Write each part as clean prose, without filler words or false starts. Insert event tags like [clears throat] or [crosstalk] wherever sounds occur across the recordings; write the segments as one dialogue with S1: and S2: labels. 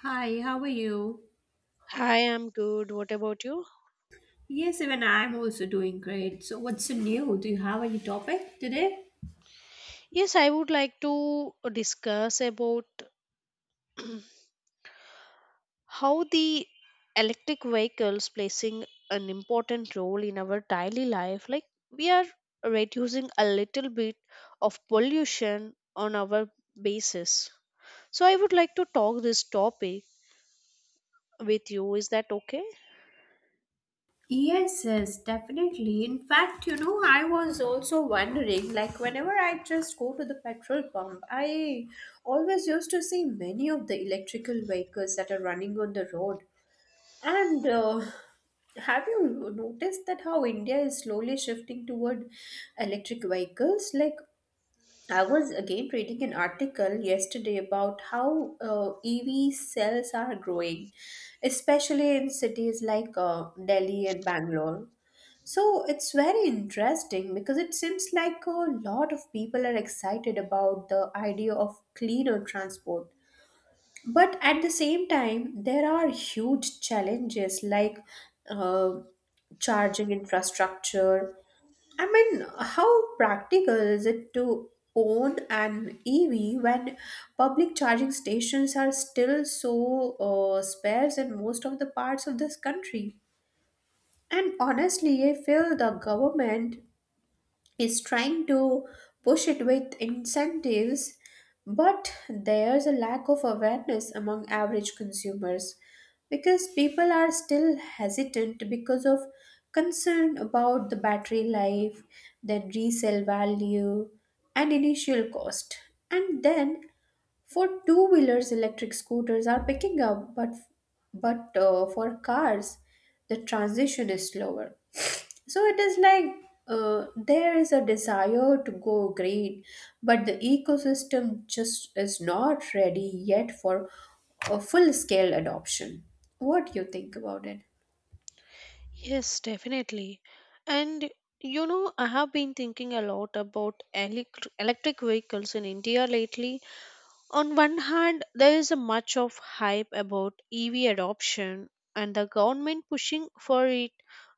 S1: Hi, how are you?
S2: Hi, I'm good. What about you?
S1: Yes, even I'm also doing great. So, what's new? Do you have any topic today?
S2: Yes, I would like to discuss about [clears throat] how the electric vehicles placing an important role in our daily life. Like we are reducing a little bit of pollution on our basis. So I would like to talk this topic with you. Is that okay?
S1: Yes, yes, definitely. In fact, you know, I was also wondering, like, whenever I just go to the petrol pump, I always used to see many of the electrical vehicles that are running on the road. And Have you noticed that how India is slowly shifting toward electric vehicles? Like, I was again reading an article yesterday about how EV sales are growing, especially in cities like Delhi and Bangalore. So it's very interesting because it seems like a lot of people are excited about the idea of cleaner transport. But at the same time, there are huge challenges like uh, charging infrastructure. I mean, how practical is it to own an EV when public charging stations are still so sparse in most of the parts of this country? And honestly, I feel the government is trying to push it with incentives, but there's a lack of awareness among average consumers because people are still hesitant because of concern about the battery life, then resale value, and initial cost. And then for two wheelers, electric scooters are picking up, but for cars, the transition is slower. So it is like there is a desire to go green, but the ecosystem just is not ready yet for a full scale adoption. What do you think about it?
S2: Yes, definitely. And you know, I have been thinking a lot about electric vehicles in India lately. On one hand, there is a much of hype about EV adoption and the government pushing for it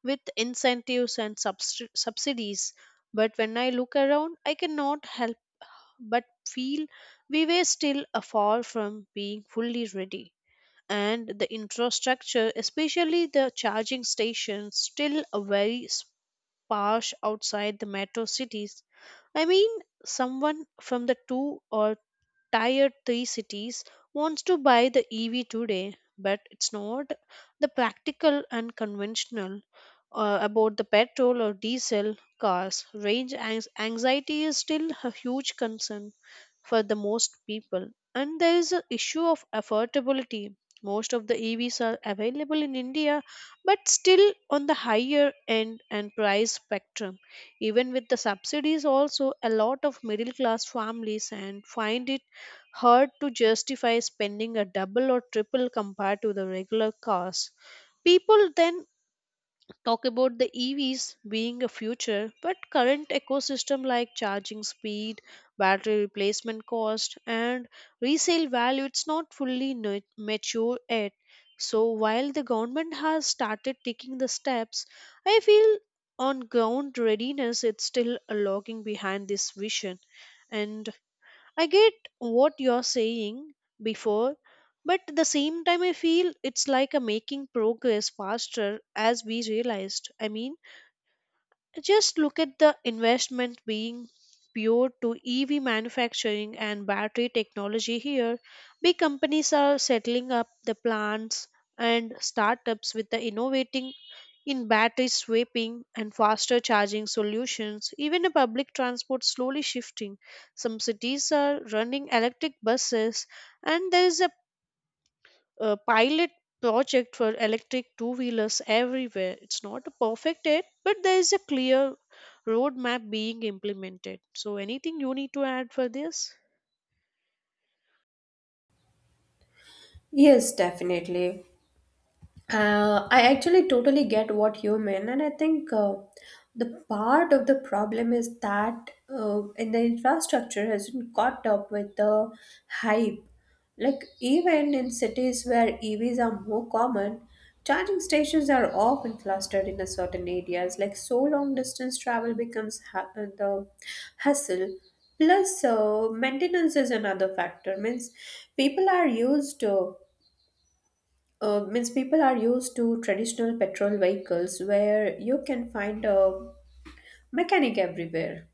S2: with incentives and subsidies. But when I look around, I cannot help but feel we were still far from being fully ready and the infrastructure, especially the charging stations, still a very sparse outside the metro cities. I mean, someone from the two or tier 3 cities wants to buy the EV today, but it's not the practical and conventional about the petrol or diesel cars. Range anxiety is still a huge concern for the most people. And there is an issue of affordability. Most of the EVs are available in India, but still on the higher end and price spectrum. Even with the subsidies, also a lot of middle class families and find it hard to justify spending a double or triple compared to the regular cars. People then talk about the EVs being a future, but current ecosystem like charging speed, battery replacement cost, and resale value it's not fully mature yet. So while the government has started taking the steps, I feel on ground readiness it's still a lagging behind this vision, and I get what you're saying before, but at the same time, I feel it's like a making progress faster as we realized. I mean, just look at the investment being pure to EV manufacturing and battery technology here. Big companies are settling up the plants and startups with the innovating in battery swapping and faster charging solutions, even a public transport slowly shifting. Some cities are running electric buses, and there is a pilot project for electric two wheelers everywhere. It's not perfect yet, but there is a clear roadmap being implemented. So, anything you need to add for this?
S1: Yes, definitely. I actually totally get what you mean, and I think the part of the problem is that in the infrastructure hasn't caught up with the hype. Like even in cities where EVs are more common, charging stations are often clustered in a certain areas. Like so, long distance travel becomes the hassle. Plus, maintenance is another factor. People are used to means people are used to traditional petrol vehicles where you can find a mechanic everywhere,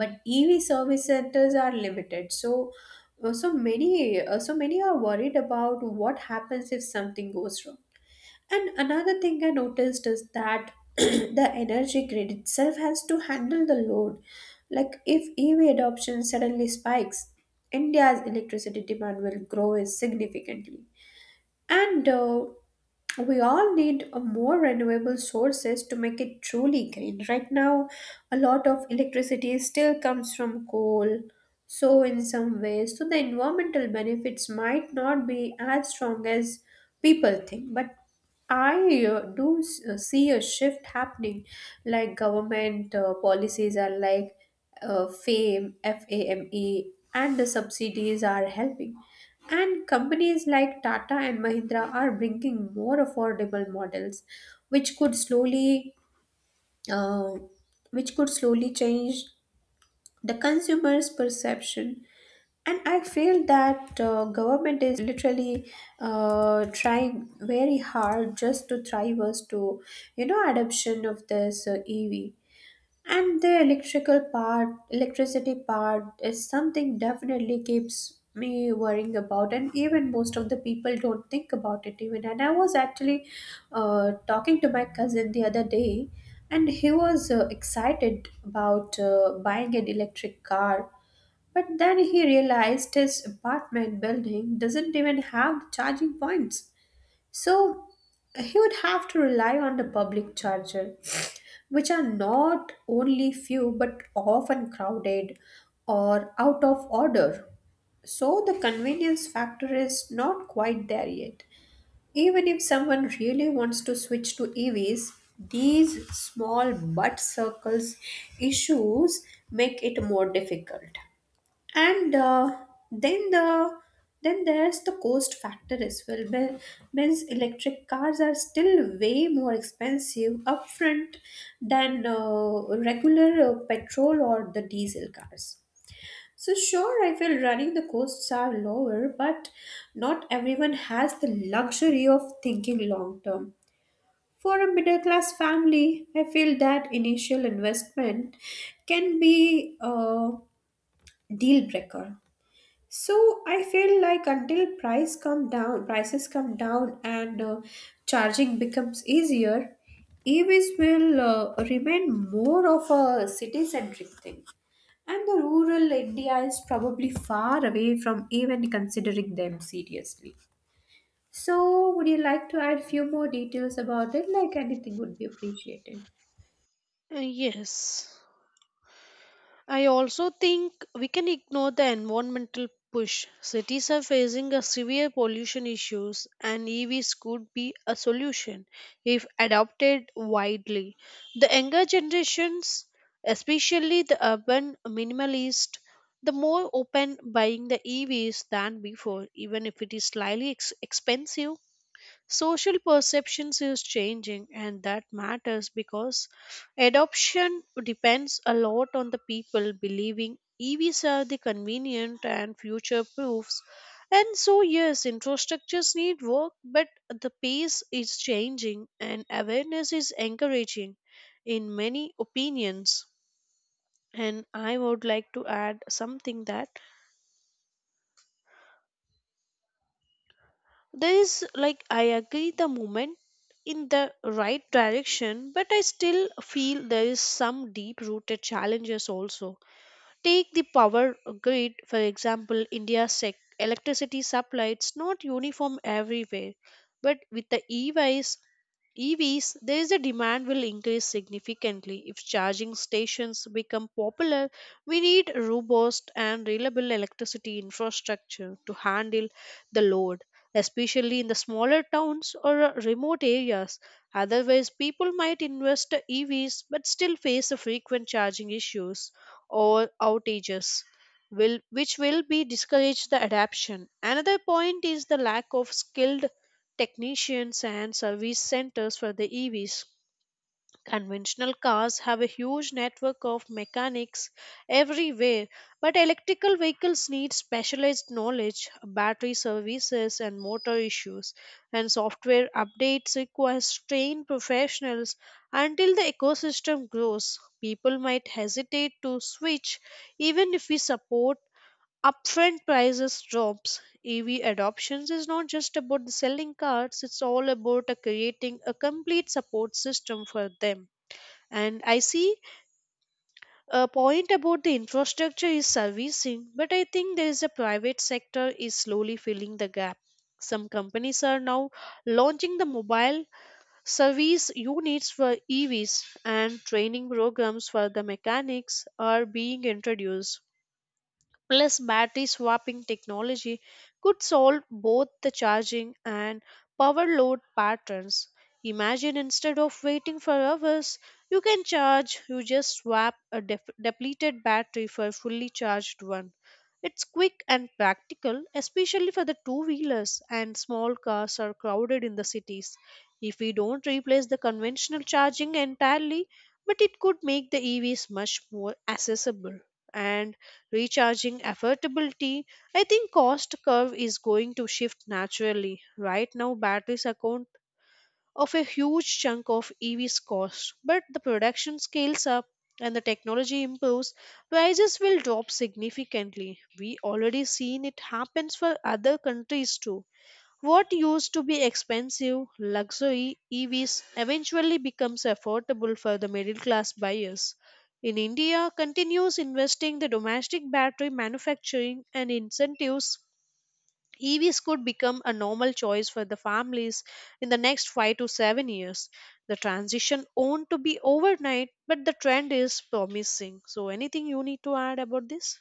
S1: but EV service centers are limited. So so many are worried about what happens if something goes wrong. And another thing I noticed is that [clears throat] the energy grid itself has to handle the load. Like if EV adoption suddenly spikes, India's electricity demand will grow significantly. And We all need more renewable sources to make it truly green. Right now, a lot of electricity still comes from coal. So, in some ways, so the environmental benefits might not be as strong as people think. But I see a shift happening. Like government policies are like FAME, F A M E, and the subsidies are helping. And companies like Tata and Mahindra are bringing more affordable models, which could slowly, uh, change the consumer's perception. And I feel that government is literally trying very hard just to thrive us to, you know, adoption of this EV. And the electrical part, electricity part is something definitely keeps me worrying about, and even most of the people don't think about it even. And I was actually talking to my cousin the other day, and he was excited about buying an electric car. But then he realized his apartment building doesn't even have charging points. So he would have to rely on the public charger, which are not only few but often crowded or out of order. So the convenience factor is not quite there yet. Even if someone really wants to switch to EVs, these small but circles issues make it more difficult, and then the then there's the cost factor as well. Means electric cars are still way more expensive upfront than regular petrol or the diesel cars. So sure, I feel running the costs are lower, but not everyone has the luxury of thinking long term. For a middle class family, I feel that initial investment can be a deal breaker. So I feel like until prices come down, and charging becomes easier, EVs will remain more of a city-centric thing, and the rural India is probably far away from even considering them seriously. So would you like to add few more details about it? Like anything would be appreciated.
S2: Yes. I also think we can ignore the environmental push. Cities are facing a severe pollution issues and EVs could be a solution if adopted widely. The younger generations, especially the urban minimalist, the more open buying the EVs than before, even if it is slightly expensive. Social perceptions is changing, and that matters because adoption depends a lot on the people believing EVs are the convenient and future proofs. And so, yes, infrastructures need work, but the pace is changing and awareness is encouraging in many opinions. And I would like to add something that there is like I agree the movement in the right direction, but I still feel there is some deep rooted challenges also. Take the power grid, for example, India's electricity supply, it's not uniform everywhere. But with the EVs, there is a demand will increase significantly. If charging stations become popular, we need robust and reliable electricity infrastructure to handle the load, especially in the smaller towns or remote areas. Otherwise, people might invest EVs but still face the frequent charging issues or outages will which will be discourage the adaption. Another point is the lack of skilled technicians and service centers for the EVs. Conventional cars have a huge network of mechanics everywhere, but electrical vehicles need specialized knowledge, battery services, and motor issues. And software updates require trained professionals until the ecosystem grows. People might hesitate to switch even if we support upfront prices drops. EV adoptions is not just about the selling cars, it's all about creating a complete support system for them. And I see a point about the infrastructure is servicing, but I think there is a private sector is slowly filling the gap. Some companies are now launching the mobile service units for EVs and training programs for the mechanics are being introduced, plus battery swapping technology could solve both the charging and power load patterns. Imagine instead of waiting for hours, you can charge, you just swap a depleted battery for a fully charged one. It's quick and practical, especially for the two wheelers and small cars are crowded in the cities. If we don't replace the conventional charging entirely, but it could make the EVs much more accessible and recharging affordability, I think cost curve is going to shift naturally. Right now batteries account of a huge chunk of EVs cost, but the production scales up and the technology improves prices will drop significantly. We already seen it happens for other countries too. What used to be expensive luxury EVs eventually becomes affordable for the middle class buyers. In India, continues investing the domestic battery manufacturing and incentives, EVs could become a normal choice for the families in the next 5 to 7 years. The transition won't to be overnight, but the trend is promising. So anything you need to add about this?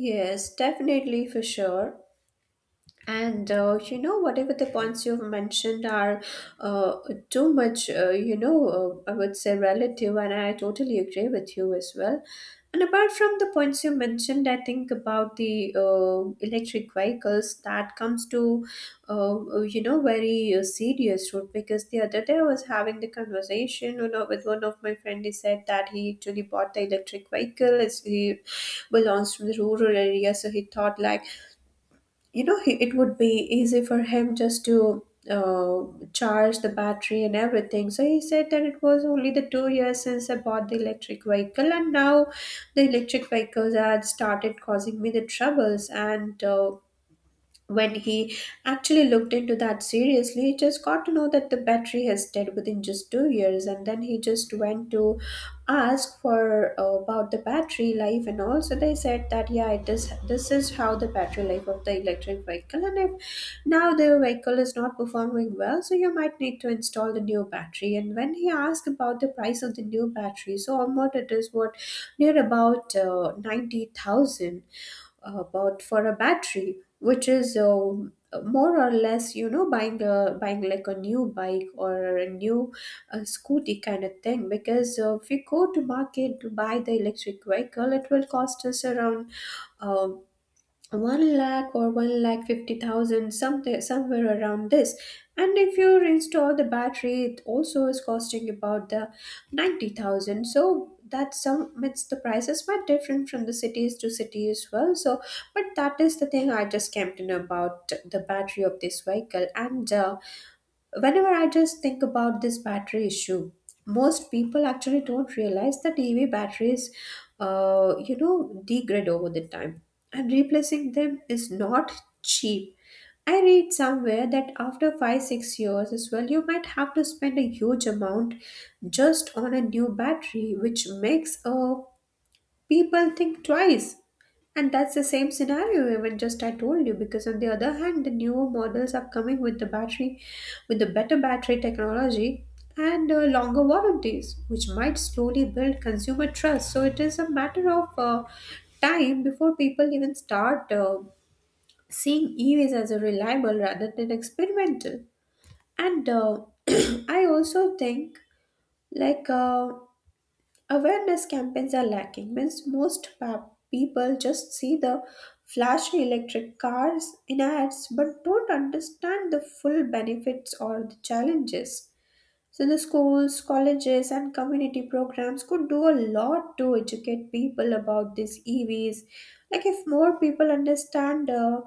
S1: Yes, definitely, for sure. And you know, whatever the points you've mentioned are uh, too much, I would say relative, and I totally agree with you as well. And apart from the points you mentioned, I think about the electric vehicles that comes to, you know, very serious route, because the other day I was having the conversation, you know, with one of my friend. He said that he actually bought the electric vehicle, as he belongs from the rural area, so he thought like, you know, it would be easy for him just to uh, charge the battery and everything. So he said that it was only the 2 years since I bought the electric vehicle, and now the electric vehicles had started causing me the troubles. And uh, when he actually looked into that seriously, he just got to know that the battery has dead within just 2 years, and then he just went to ask for about the battery life, and also they said that yeah, it is this is how the battery life of the electric vehicle, and if now the vehicle is not performing well, so you might need to install the new battery. And when he asked about the price of the new battery, so almost it is what near about 90,000 but for a battery, which is more or less, you know, buying like a new bike or a new scooty kind of thing. Because if we go to market to buy the electric vehicle, it will cost us around uh, 1 lakh or 1 lakh 50,000, something somewhere around this. And if you install the battery, it also is costing about the 90,000, so that some it's the prices quite different from the cities to city as well. So but that is the thing I just came to know about the battery of this vehicle. And Whenever I just think about this battery issue, most people actually don't realize that EV batteries, you know, degrade over the time, and replacing them is not cheap. I read somewhere that after 5 6 years as well, you might have to spend a huge amount just on a new battery, which makes people think twice. And that's the same scenario even just I told you, because on the other hand the newer models are coming with the better battery technology and longer warranties, which might slowly build consumer trust. So it is a matter of time before people even start seeing EVs as a reliable rather than experimental. And [clears throat] I also think like awareness campaigns are lacking. Means people just see the flashy electric cars in ads but don't understand the full benefits or the challenges. So, the schools, colleges, and community programs could do a lot to educate people about these EVs. Like, if more people understand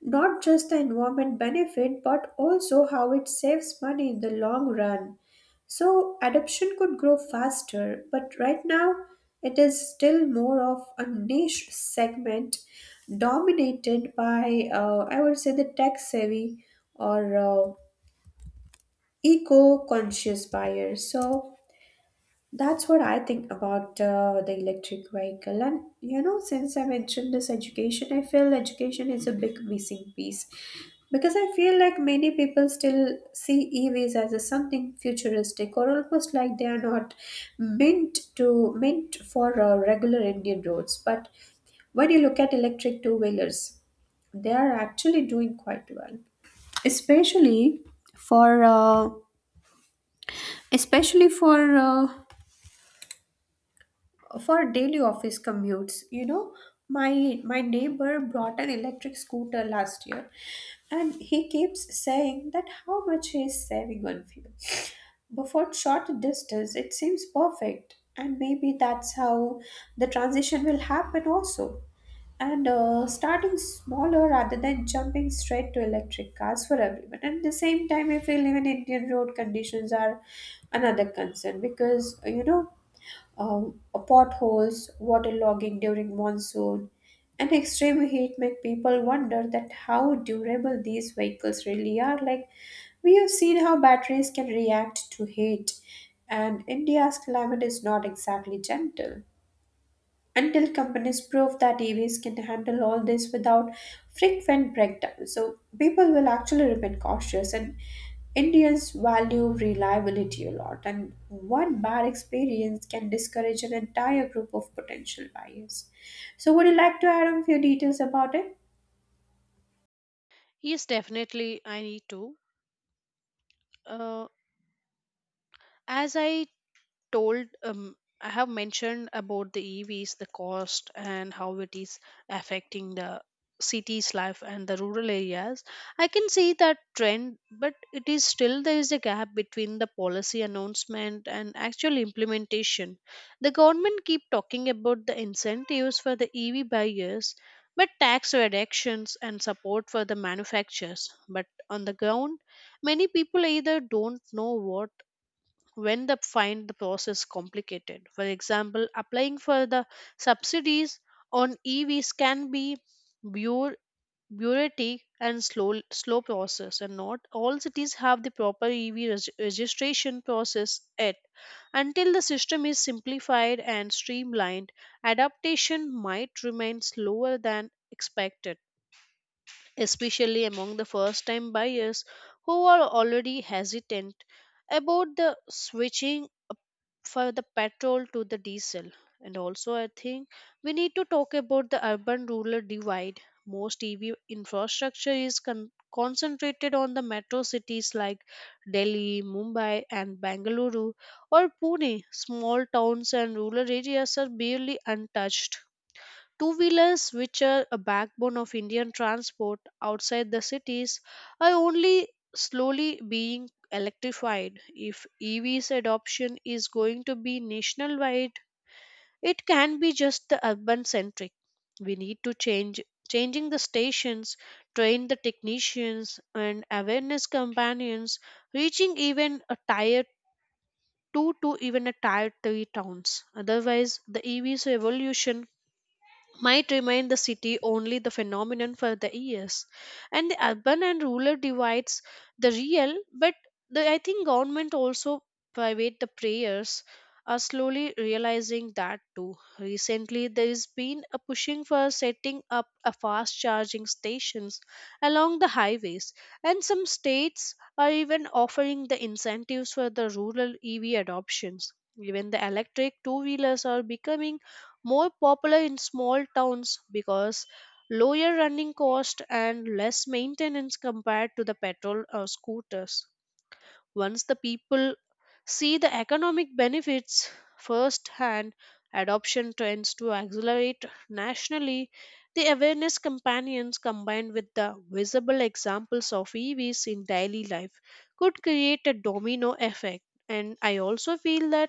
S1: not just the environment benefit, but also how it saves money in the long run. So adoption could grow faster, but right now it is still more of a niche segment dominated by, I would say, the tech savvy or eco conscious buyers. So that's what I think about the electric vehicle. And you know, since I mentioned this education, I feel education is a big missing piece, because I feel like many people still see EVs as a something futuristic, or almost like they are not meant for regular Indian roads. But when you look at electric two wheelers, they are actually doing quite well, especially for uh, especially for daily office commutes, you know. My neighbor brought an electric scooter last year, and he keeps saying that how much he is saving on fuel, but for short distance it seems perfect. And maybe that's how the transition will happen also, and starting smaller rather than jumping straight to electric cars for everyone. And at the same time I feel even Indian road conditions are another concern, because you know, potholes, water logging during monsoon, and extreme heat make people wonder that how durable these vehicles really are. Like we have seen how batteries can react to heat, and India's climate is not exactly gentle until companies prove that EVs can handle all this without frequent breakdowns. So people will actually remain cautious. And Indians value reliability a lot, and one bad experience can discourage an entire group of potential buyers. So would you like to add on a few details about it?
S2: Yes, definitely. I need to. Uh, as I told I have mentioned about the EVs the cost and how it is affecting the cities life and the rural areas. I can see that trend, but it is still there is a gap between the policy announcement and actual implementation. The government keep talking about the incentives for the EV buyers, but tax reductions and support for the manufacturers, but on the ground many people either don't know what when they find the process complicated. For example, applying for the subsidies on EVs can be bureau- bureaucratic and slow process, and not all cities have the proper EV registration process yet. Until the system is simplified and streamlined, adaptation might remain slower than expected, especially among the first time buyers who are already hesitant about the switching for the petrol to the diesel. And also, I think we need to talk about the urban rural divide. Most EV infrastructure is concentrated on the metro cities like Delhi, Mumbai, and Bangalore, or Pune. Small towns and rural areas are barely untouched. Two wheelers, which are a backbone of Indian transport outside the cities, are only slowly being electrified. If EVs adoption is going to be nationwide, it can be just the urban centric. We need to change changing the stations, train the technicians and awareness companions, reaching even a tier two to even a tier three towns. Otherwise, the EV's revolution might remain the city only the phenomenon for the years, and the urban and rural divides the real, but the I think government also private the prayers are slowly realizing that too. Recently there has been a pushing for setting up a fast charging stations along the highways, and some states are even offering the incentives for the rural EV adoptions. Even the electric two wheelers are becoming more popular in small towns because lower running cost and less maintenance compared to the petrol or scooters. Once the people see the economic benefits firsthand, adoption tends to accelerate nationally. The awareness campaigns combined with the visible examples of EVs in daily life could create a domino effect. And I also feel that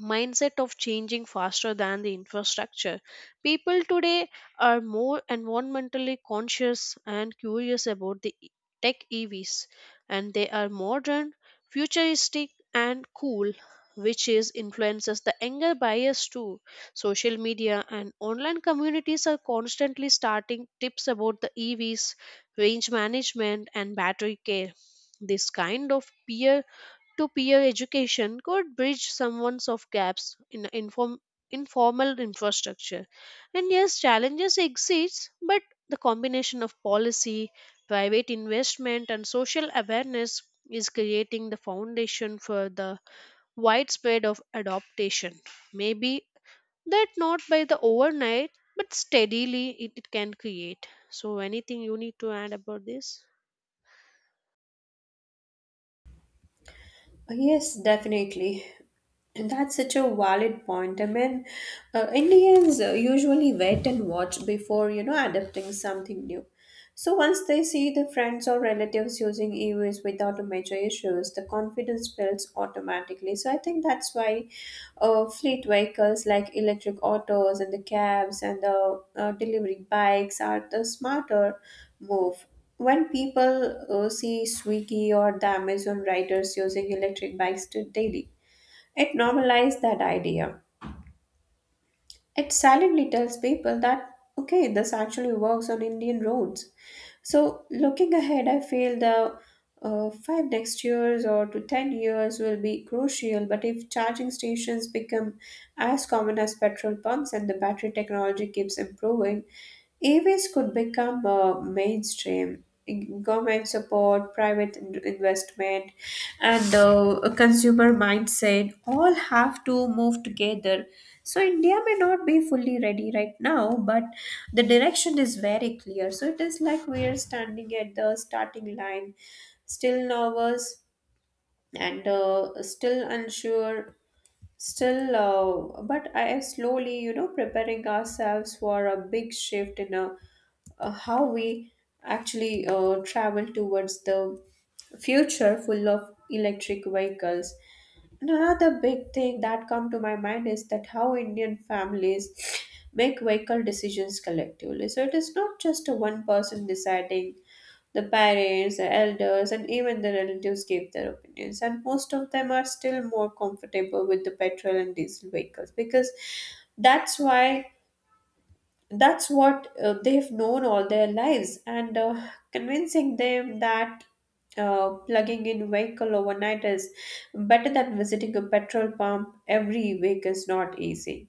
S2: mindset of changing faster than the infrastructure. People today are more environmentally conscious and curious about the tech EVs, and they are modern, futuristic, and cool, which is influences the younger bias too. Social media and online communities are constantly starting tips about the EVs, range management, and battery care. This kind of peer to peer education could bridge some ones of gaps in informal infrastructure. And yes, challenges exist, but the combination of policy, private investment, and social awareness is creating the foundation for the widespread of adaptation. Maybe that not by the overnight, but steadily it can create. So, anything you need to add about this?
S1: Yes, definitely. That's such a valid point. Indians usually wait and watch before, adapting something new. So once they see the friends or relatives using EVs without major issues, the confidence builds automatically. So I think that's why fleet vehicles like electric autos and the cabs and the delivery bikes are the smarter move. When people see Swiggy or the Amazon riders using electric bikes to daily, it normalized that idea. It silently tells people that, okay, this actually works on Indian roads. So, looking ahead, I feel the five next years or to 10 years will be crucial. But if charging stations become as common as petrol pumps and the battery technology keeps improving, EVs could become mainstream government support, private investment, and a consumer mindset all have to move together. So, India may not be fully ready right now, but the direction is very clear. So, it is like we are standing at the starting line, still nervous and still unsure. Still, but I am slowly, preparing ourselves for a big shift in a how we actually travel towards the future full of electric vehicles. And another big thing that come to my mind is that how Indian families make vehicle decisions collectively. So it is not just a one person deciding, the parents, the elders, and even the relatives give their opinions, and most of them are still more comfortable with the petrol and diesel vehicles because that's why that's what they've known all their lives, and convincing them that plugging in vehicle overnight is better than visiting a petrol pump every week is not easy.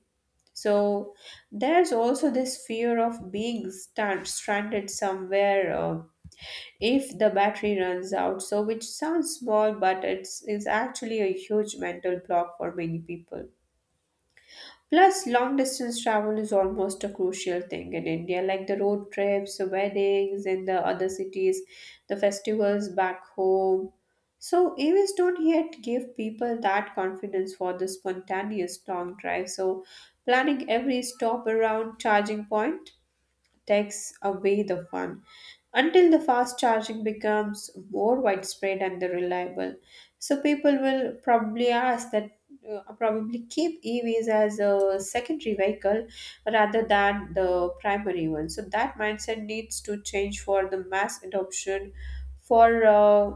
S1: So there's also this fear of being stranded somewhere, if the battery runs out, so which sounds small but it's is actually a huge mental block for many people. Plus, long distance travel is almost a crucial thing in India, like the road trips, the weddings in the other cities, the festivals back home. So, AVs don't yet give people that confidence for the spontaneous long drive. So, planning every stop around charging point takes away the fun until the fast charging becomes more widespread and the reliable. So people will probably ask that, probably keep EVs as a secondary vehicle rather than the primary one. So that mindset needs to change for the mass adoption for uh,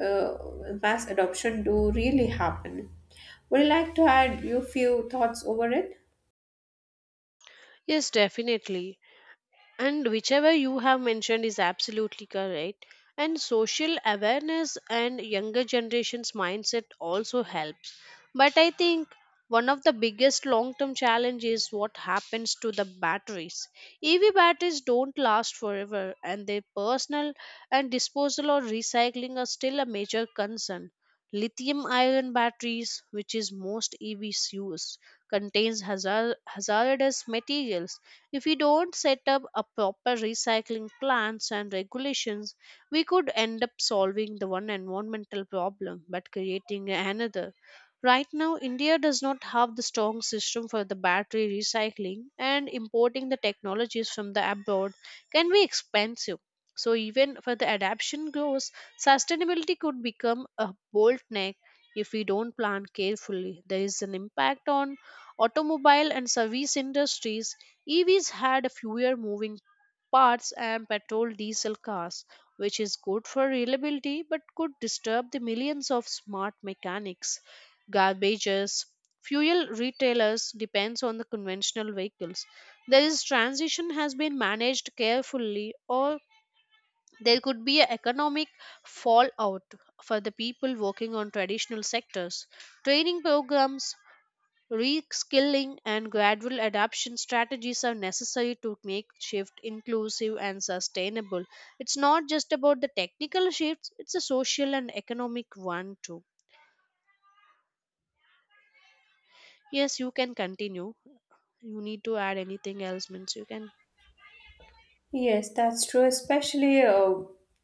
S1: uh, mass adoption to really happen. Would you like to add your few thoughts over it?
S2: Yes, definitely. And whichever you have mentioned is absolutely correct, and social awareness and younger generations mindset also helps, but I think one of the biggest long term challenges is what happens to the batteries. EV batteries don't last forever and their personal and disposal or recycling are still a major concern. Lithium ion batteries, which is most EVs use, contains hazardous materials. If we don't set up a proper recycling plans and regulations, we could end up solving the one environmental problem but creating another. Right now, India does not have the strong system for the battery recycling, and importing the technologies from the abroad can be expensive. So, even for the adaptation grows, sustainability could become a bottleneck if we don't plan carefully. There is an impact on automobile and service industries. EVs had fewer moving parts and petrol diesel cars, which is good for reliability but could disturb the millions of smart mechanics, garbages, fuel retailers depends on the conventional vehicles. There is transition has been managed carefully or there could be an economic fallout for the people working on traditional sectors. Training programs, reskilling and gradual adaptation strategies are necessary to make shift inclusive and sustainable. It's not just about the technical shifts, it's a social and economic one too. Yes, you can continue. You need to add anything else means you can.
S1: Yes, that's true. Especially, uh,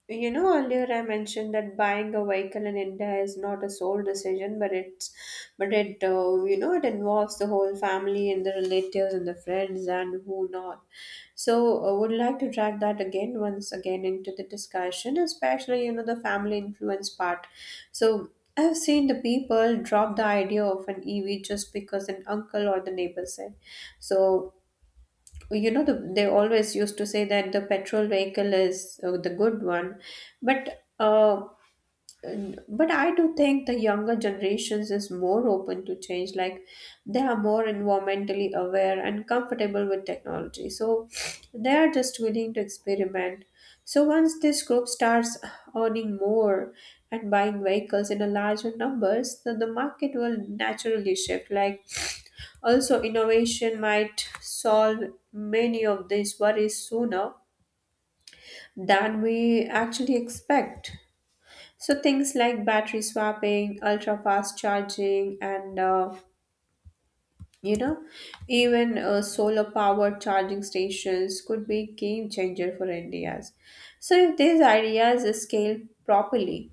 S1: you know, earlier I mentioned that buying a vehicle in India is not a sole decision, but it, it involves the whole family and the relatives and the friends and who not. So, I would like to drag that again once again into the discussion, especially, the family influence part. So, I've seen the people drop the idea of an EV just because an uncle or the neighbor said. So, you know the, they always used to say that the petrol vehicle is the good one, but uh, but I do think the younger generations is more open to change. Like they are more environmentally aware and comfortable with technology, so they are just willing to experiment. So once this group starts earning more and buying vehicles in a larger numbers, then the market will naturally shift. Like also, innovation might solve many of these worries sooner than we actually expect. So, things like battery swapping, ultra fast charging, and you know, even solar powered charging stations could be game changer for India's. So, if these ideas scale properly,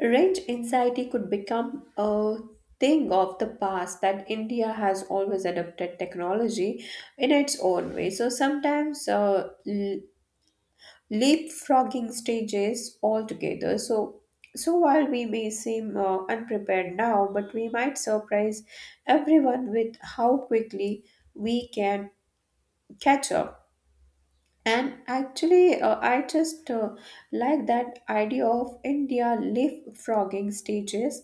S1: range anxiety could become a thing of the past. That India has always adopted technology in its own way. So sometimes leapfrogging stages altogether. So while we may seem unprepared now, but we might surprise everyone with how quickly we can catch up. And actually, I just like that idea of India leapfrogging stages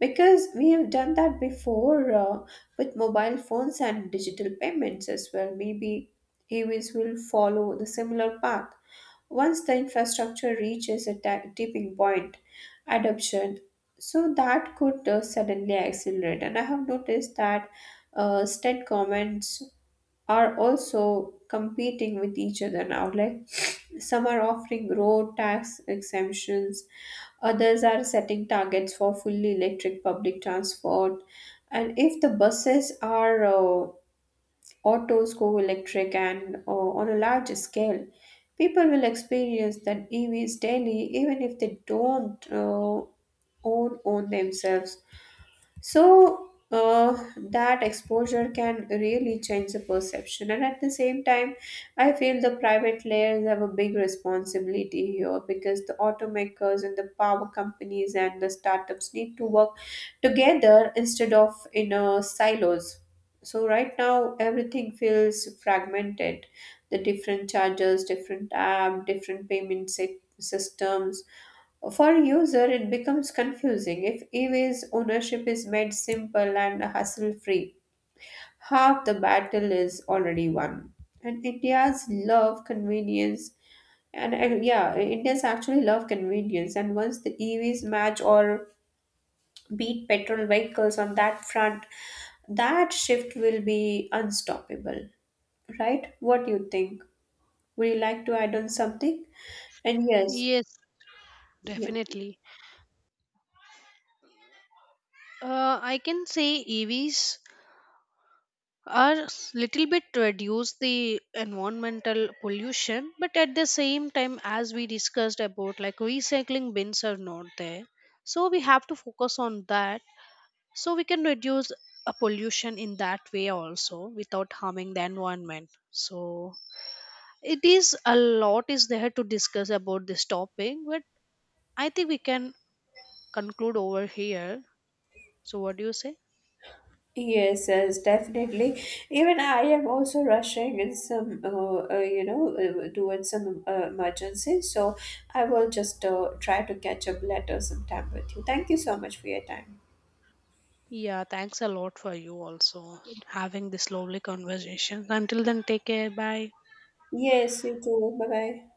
S1: because we have done that before, with mobile phones and digital payments as well. Maybe e EVs will follow the similar path. Once the infrastructure reaches a tipping point, adoption, so that could suddenly accelerate. And I have noticed that state governments are also competing with each other now. Like [sniffs] some are offering road tax exemptions, others are setting targets for fully electric public transport. And if the buses are autos go electric and on a large scale, people will experience that EVs daily, even if they don't own themselves. So that exposure can really change the perception. And at the same time, I feel the private layers have a big responsibility here because the automakers and the power companies and the startups need to work together instead of in silos. So right now, everything feels fragmented. The different chargers, different app, different payment systems for a user, it becomes confusing if e-waste ownership is made simple and hassle-free. Half the battle is already won. And India's love convenience, and yeah, India's actually love convenience. And once the EVs match or beat petrol vehicles on that front, that shift will be unstoppable, right? What do you think? Would you like to add on something? And yes,
S2: Yes,
S1: yeah.
S2: definitely. I can say EVs are little bit reduce the environmental pollution, but at the same time as we discussed about like recycling bins are not there, so we have to focus on that, so we can reduce a pollution in that way also without harming the environment. So it is a lot is there to discuss about this topic, but I think we can conclude over here. So what do you say?
S1: Yes, yes, definitely. Even I am also rushing in some, doing some emergency. So I will just try to catch up later sometime with you. Thank you so much for your time.
S2: Yeah, thanks a lot for you also having this lovely conversation. Until then, take care. Bye.
S1: Yes, you too. Bye bye.